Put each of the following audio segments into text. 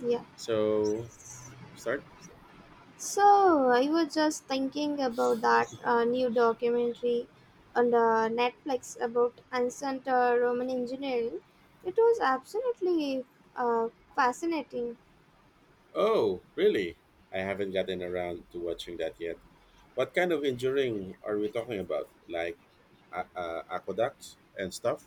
Yeah. So, start? So I was just thinking about that new documentary on the Netflix about ancient Roman engineering. It was absolutely uh, fascinating. Oh, really? I haven't gotten around to watching that yet. What kind of engineering are we talking about? Like aqueducts and stuff?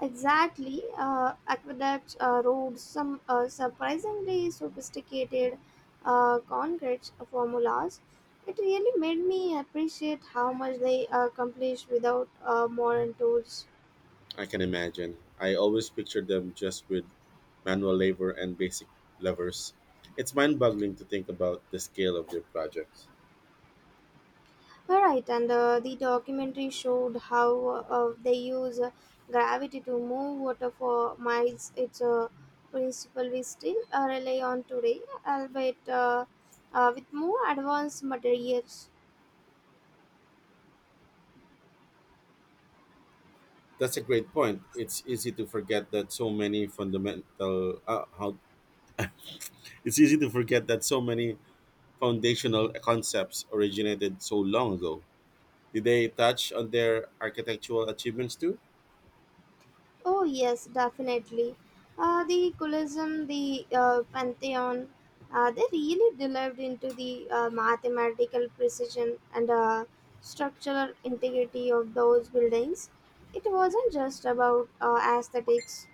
Exactly, aqueducts, roads, some surprisingly sophisticated concrete formulas. It really made me appreciate how much they accomplished without modern tools. I can imagine. I always picture them just with manual labor and basic levers. It's mind boggling to think about the scale of their projects. All right, and the documentary showed how they use gravity to move water for miles. It's a principle we still rely on today, albeit with more advanced materials. That's a great point. It's easy to forget that so many fundamental how It's easy to forget that so many foundational concepts originated so long ago. Did they touch on their architectural achievements too? Oh yes, definitely. The Kulism, the Pantheon, they really delved into the mathematical precision and structural integrity of those buildings. It wasn't just about aesthetics.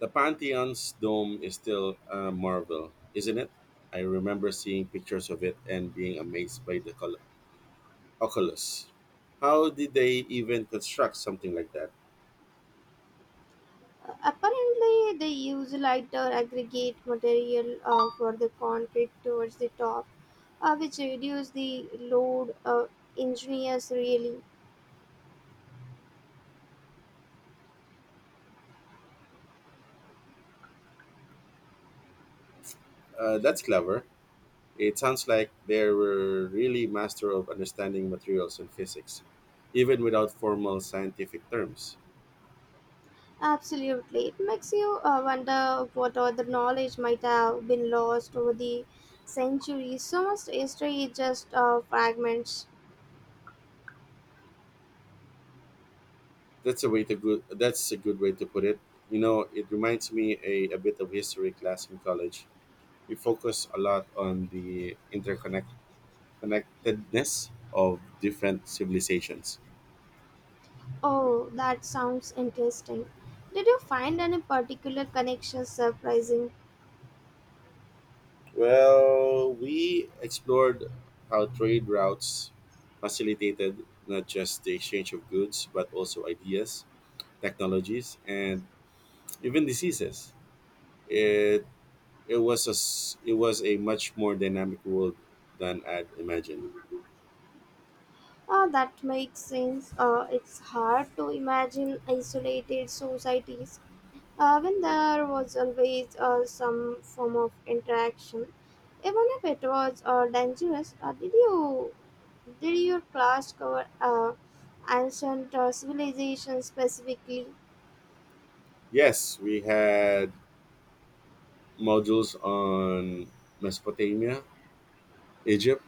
The Pantheon's dome is still a marvel, isn't it? I remember seeing pictures of it and being amazed by the oculus. How did they even construct something like that? Apparently, they used lighter aggregate material for the concrete towards the top, which reduced the load. Ingenious, really. That's clever. It sounds like they were really master of understanding materials and physics, even without formal scientific terms. Absolutely. It makes you wonder what other knowledge might have been lost over the centuries. So much history is just fragments. That's a way to good. That's a good way to put it. You know, it reminds me a bit of history class in college. We focus a lot on the interconnectedness of different civilizations. Oh, that sounds interesting. Did you find any particular connection surprising? Well, we explored how trade routes facilitated not just the exchange of goods, but also ideas, technologies, and even diseases. It it was a much more dynamic world than I'd imagined. Oh, that makes sense. It's hard to imagine isolated societies when there was always some form of interaction, even if it was dangerous, did your class cover ancient civilization specifically? Yes, we had modules on Mesopotamia, Egypt,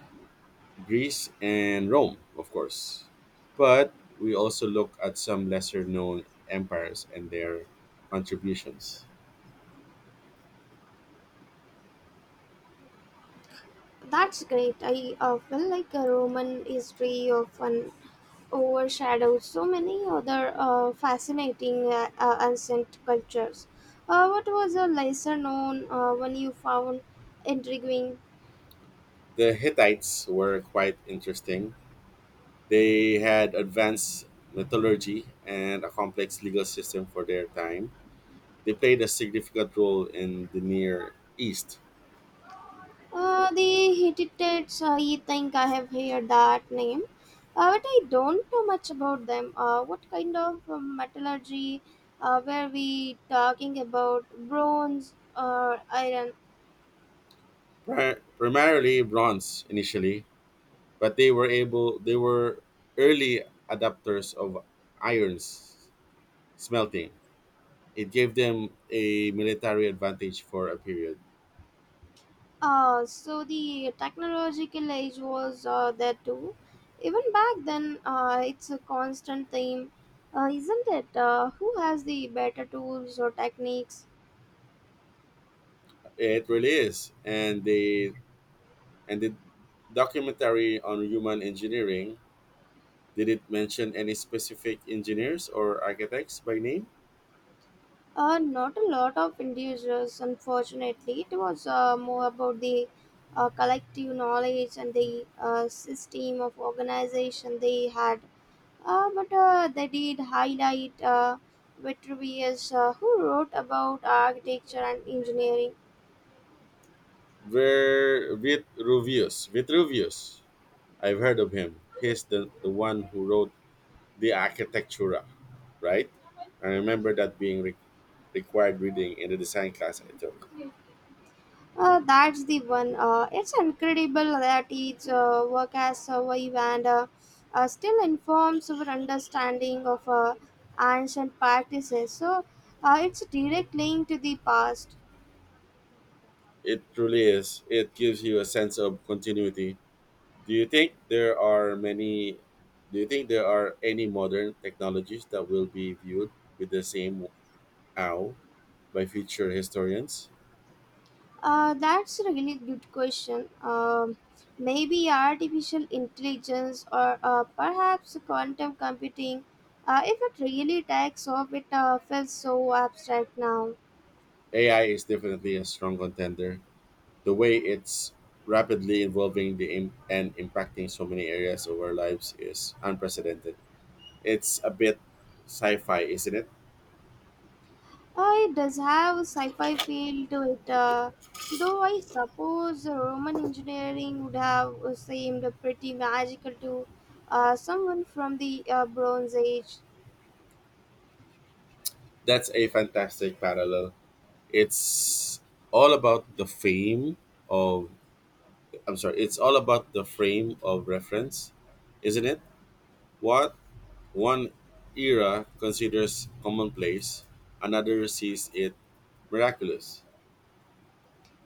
Greece and Rome, of course. But we also look at some lesser known empires and their contributions. That's great. I feel like a Roman history often overshadows so many other fascinating ancient cultures. What was a lesser known one you found intriguing? The Hittites were quite interesting. They had advanced metallurgy and a complex legal system for their time. They played a significant role in the Near East, The Hittites, I think I have heard that name, but I don't know much about them. What kind of metallurgy were we talking about? Bronze or iron? Primarily bronze initially, but they were early adapters of irons smelting. It gave them a military advantage for a period. So the technological age was there too. Even back then, it's a constant theme, isn't it? Who has the better tools or techniques? It really is, and the documentary on human engineering, did it mention any specific engineers or architects by name? Not a lot of individuals, unfortunately. It was more about the collective knowledge and the system of organization they had. But they did highlight Vitruvius, who wrote about architecture and engineering. Ver Vitruvius. Vitruvius. I've heard of him. He's the one who wrote the Architectura, right? I remember that being required reading in the design class I took. That's the one. It's incredible that each work has survived and still informs our understanding of ancient practices. So it's a direct link to the past. It truly is. It gives you a sense of continuity. Do you think there are many do you think there are any modern technologies that will be viewed with the same awe by future historians? That's a really good question. Maybe artificial intelligence or perhaps quantum computing. If it really takes off, it feels so abstract now. AI is definitely a strong contender. The way it's rapidly evolving and impacting so many areas of our lives is unprecedented. It's a bit sci-fi, isn't it? It does have a sci-fi feel to it, though I suppose Roman engineering would have seemed pretty magical to someone from the Bronze Age. That's a fantastic parallel. It's all about the fame of I'm sorry, it's all about the frame of reference, isn't it? What one era considers commonplace, another sees it miraculous.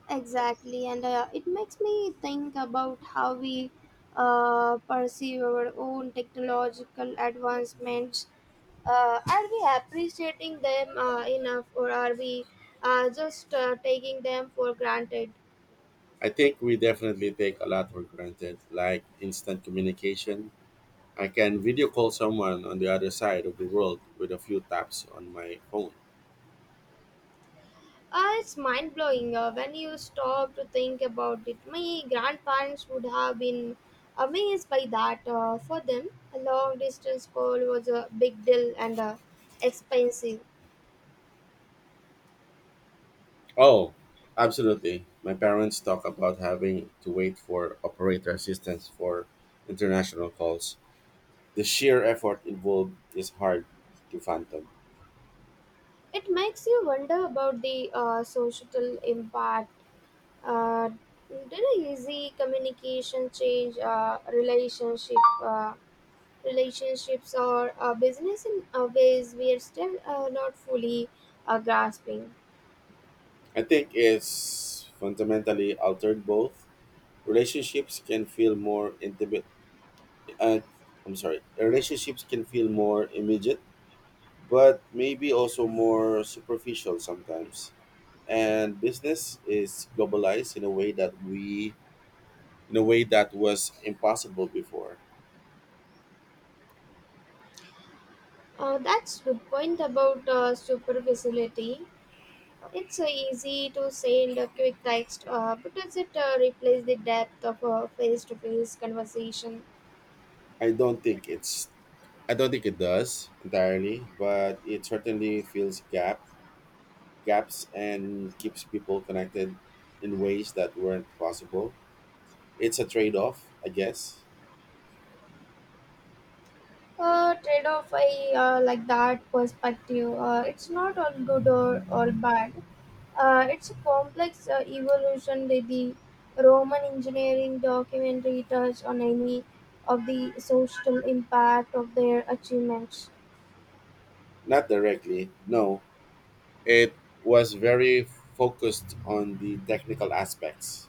Exactly, and it makes me think about how we perceive our own technological advancements. Are we appreciating them enough, or are we just taking them for granted? I think we definitely take a lot for granted, like instant communication. I can video call someone on the other side of the world with a few taps on my phone. It's mind blowing when you stop to think about it. My grandparents would have been amazed by that. For them, a long distance call was a big deal and expensive. Oh, absolutely. My parents talk about having to wait for operator assistance for international calls. The sheer effort involved is hard to fathom. It makes you wonder about the social impact. Uh, did a easy communication change relationship uh, relationships or business in ways we are still not fully grasping? I think it's fundamentally altered both. Relationships can feel more intimate. Uh, I'm sorry. Relationships can feel more immediate, but maybe also more superficial sometimes. And business is globalized in a way that was impossible before. That's good point about superficiality. It's easy to send a quick text, but does it replace the depth of a face-to-face conversation? I don't think it's. I don't think it does entirely, but it certainly fills gaps and keeps people connected in ways that weren't possible. It's a trade off, I guess. Trade-off, I like that perspective. It's not all good or all bad. It's a complex evolution that the Roman engineering documentary touched on any of the social impact of their achievements. Not directly, no. It was very focused on the technical aspects,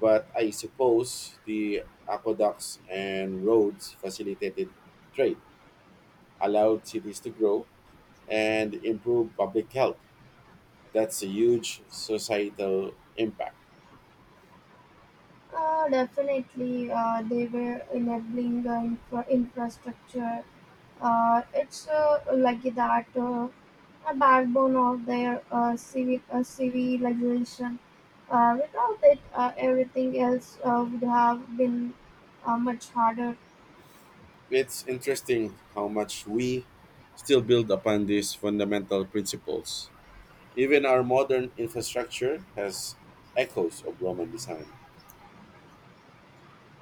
but I suppose the aqueducts and roads facilitated trade, allowed cities to grow, and improve public health. That's a huge societal impact. Definitely, they were enabling infrastructure. It's like that a backbone of their civilization. Without it, everything else would have been much harder. It's interesting how much we still build upon these fundamental principles. Even our modern infrastructure has echoes of Roman design.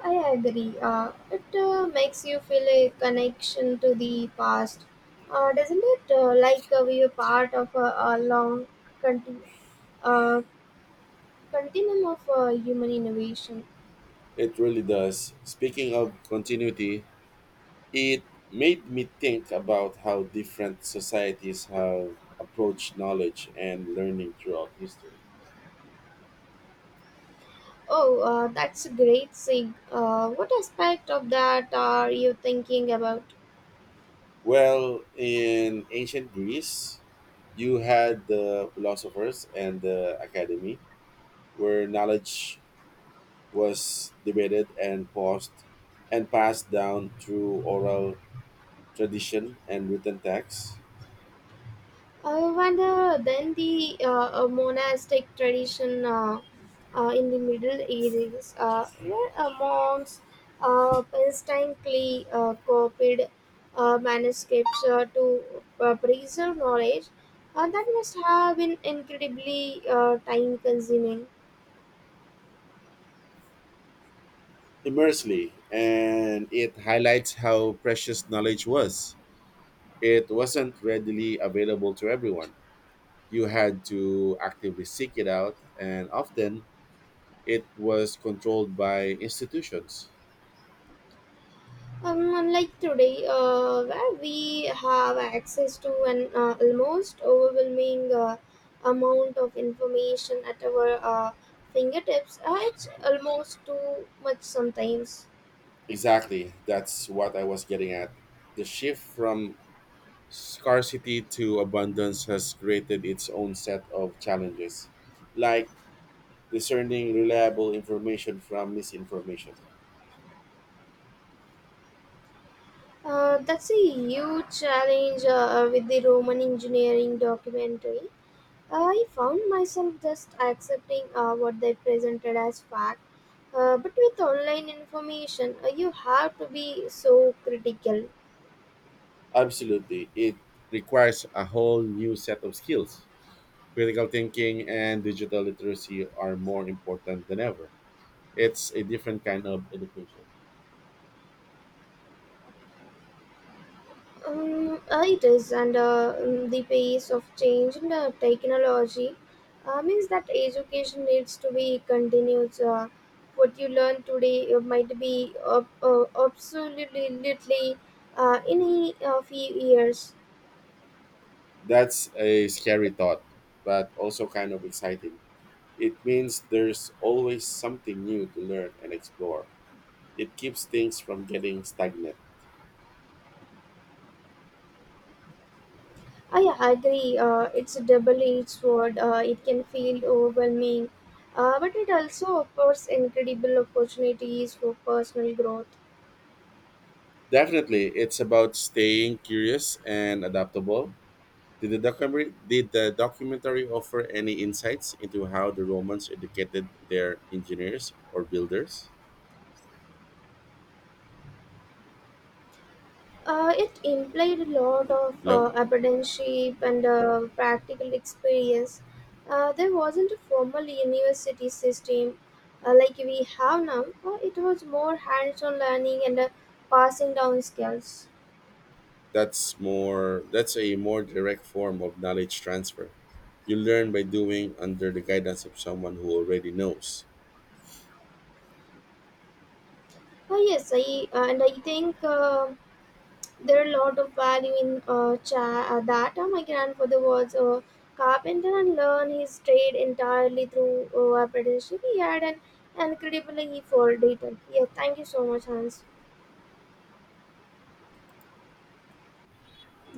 I agree. It makes you feel a connection to the past, doesn't it? Like we are part of a long continu- uh, continuum of human innovation. It really does. Speaking of continuity, it made me think about how different societies have approached knowledge and learning throughout history. Oh, that's a great thing. What aspect of that are you thinking about? Well, in ancient Greece, you had the philosophers and the academy, where knowledge was debated and paused and passed down through oral tradition and written text. I wonder then the monastic tradition in the Middle Ages, where monks painstakingly copied manuscripts to preserve knowledge, that must have been incredibly time consuming. Immersely, and it highlights how precious knowledge was. It wasn't readily available to everyone. You had to actively seek it out, and often it was controlled by institutions. Unlike today, where we have access to an almost overwhelming amount of information at our uh, fingertips, it's almost too much sometimes. Exactly, that's what I was getting at. The shift from scarcity to abundance has created its own set of challenges, like discerning reliable information from misinformation. That's a huge challenge with the Roman engineering documentary. I found myself just accepting what they presented as fact. But with online information, you have to be so critical. Absolutely, it requires a whole new set of skills. Critical thinking and digital literacy are more important than ever. It's a different kind of education. It is, and the pace of change in the technology means that education needs to be continued. What you learn today might be absolutely in a few years. That's a scary thought, but also kind of exciting. It means there's always something new to learn and explore. It keeps things from getting stagnant. I agree, it's a double edged sword, it can feel overwhelming, but it also offers incredible opportunities for personal growth. Definitely, it's about staying curious and adaptable. Did the documentary offer any insights into how the Romans educated their engineers or builders? It implied a lot of No, apprenticeship and practical experience. There wasn't a formal university system like we have now. It was more hands-on learning and passing down skills. That's a more direct form of knowledge transfer. You learn by doing under the guidance of someone who already knows. Yes, I and I think. There are a lot of value in that. My grandfather was a carpenter and learned his trade entirely through apprenticeship. He had an incredibly for detail. Yeah, thank you so much, Hans.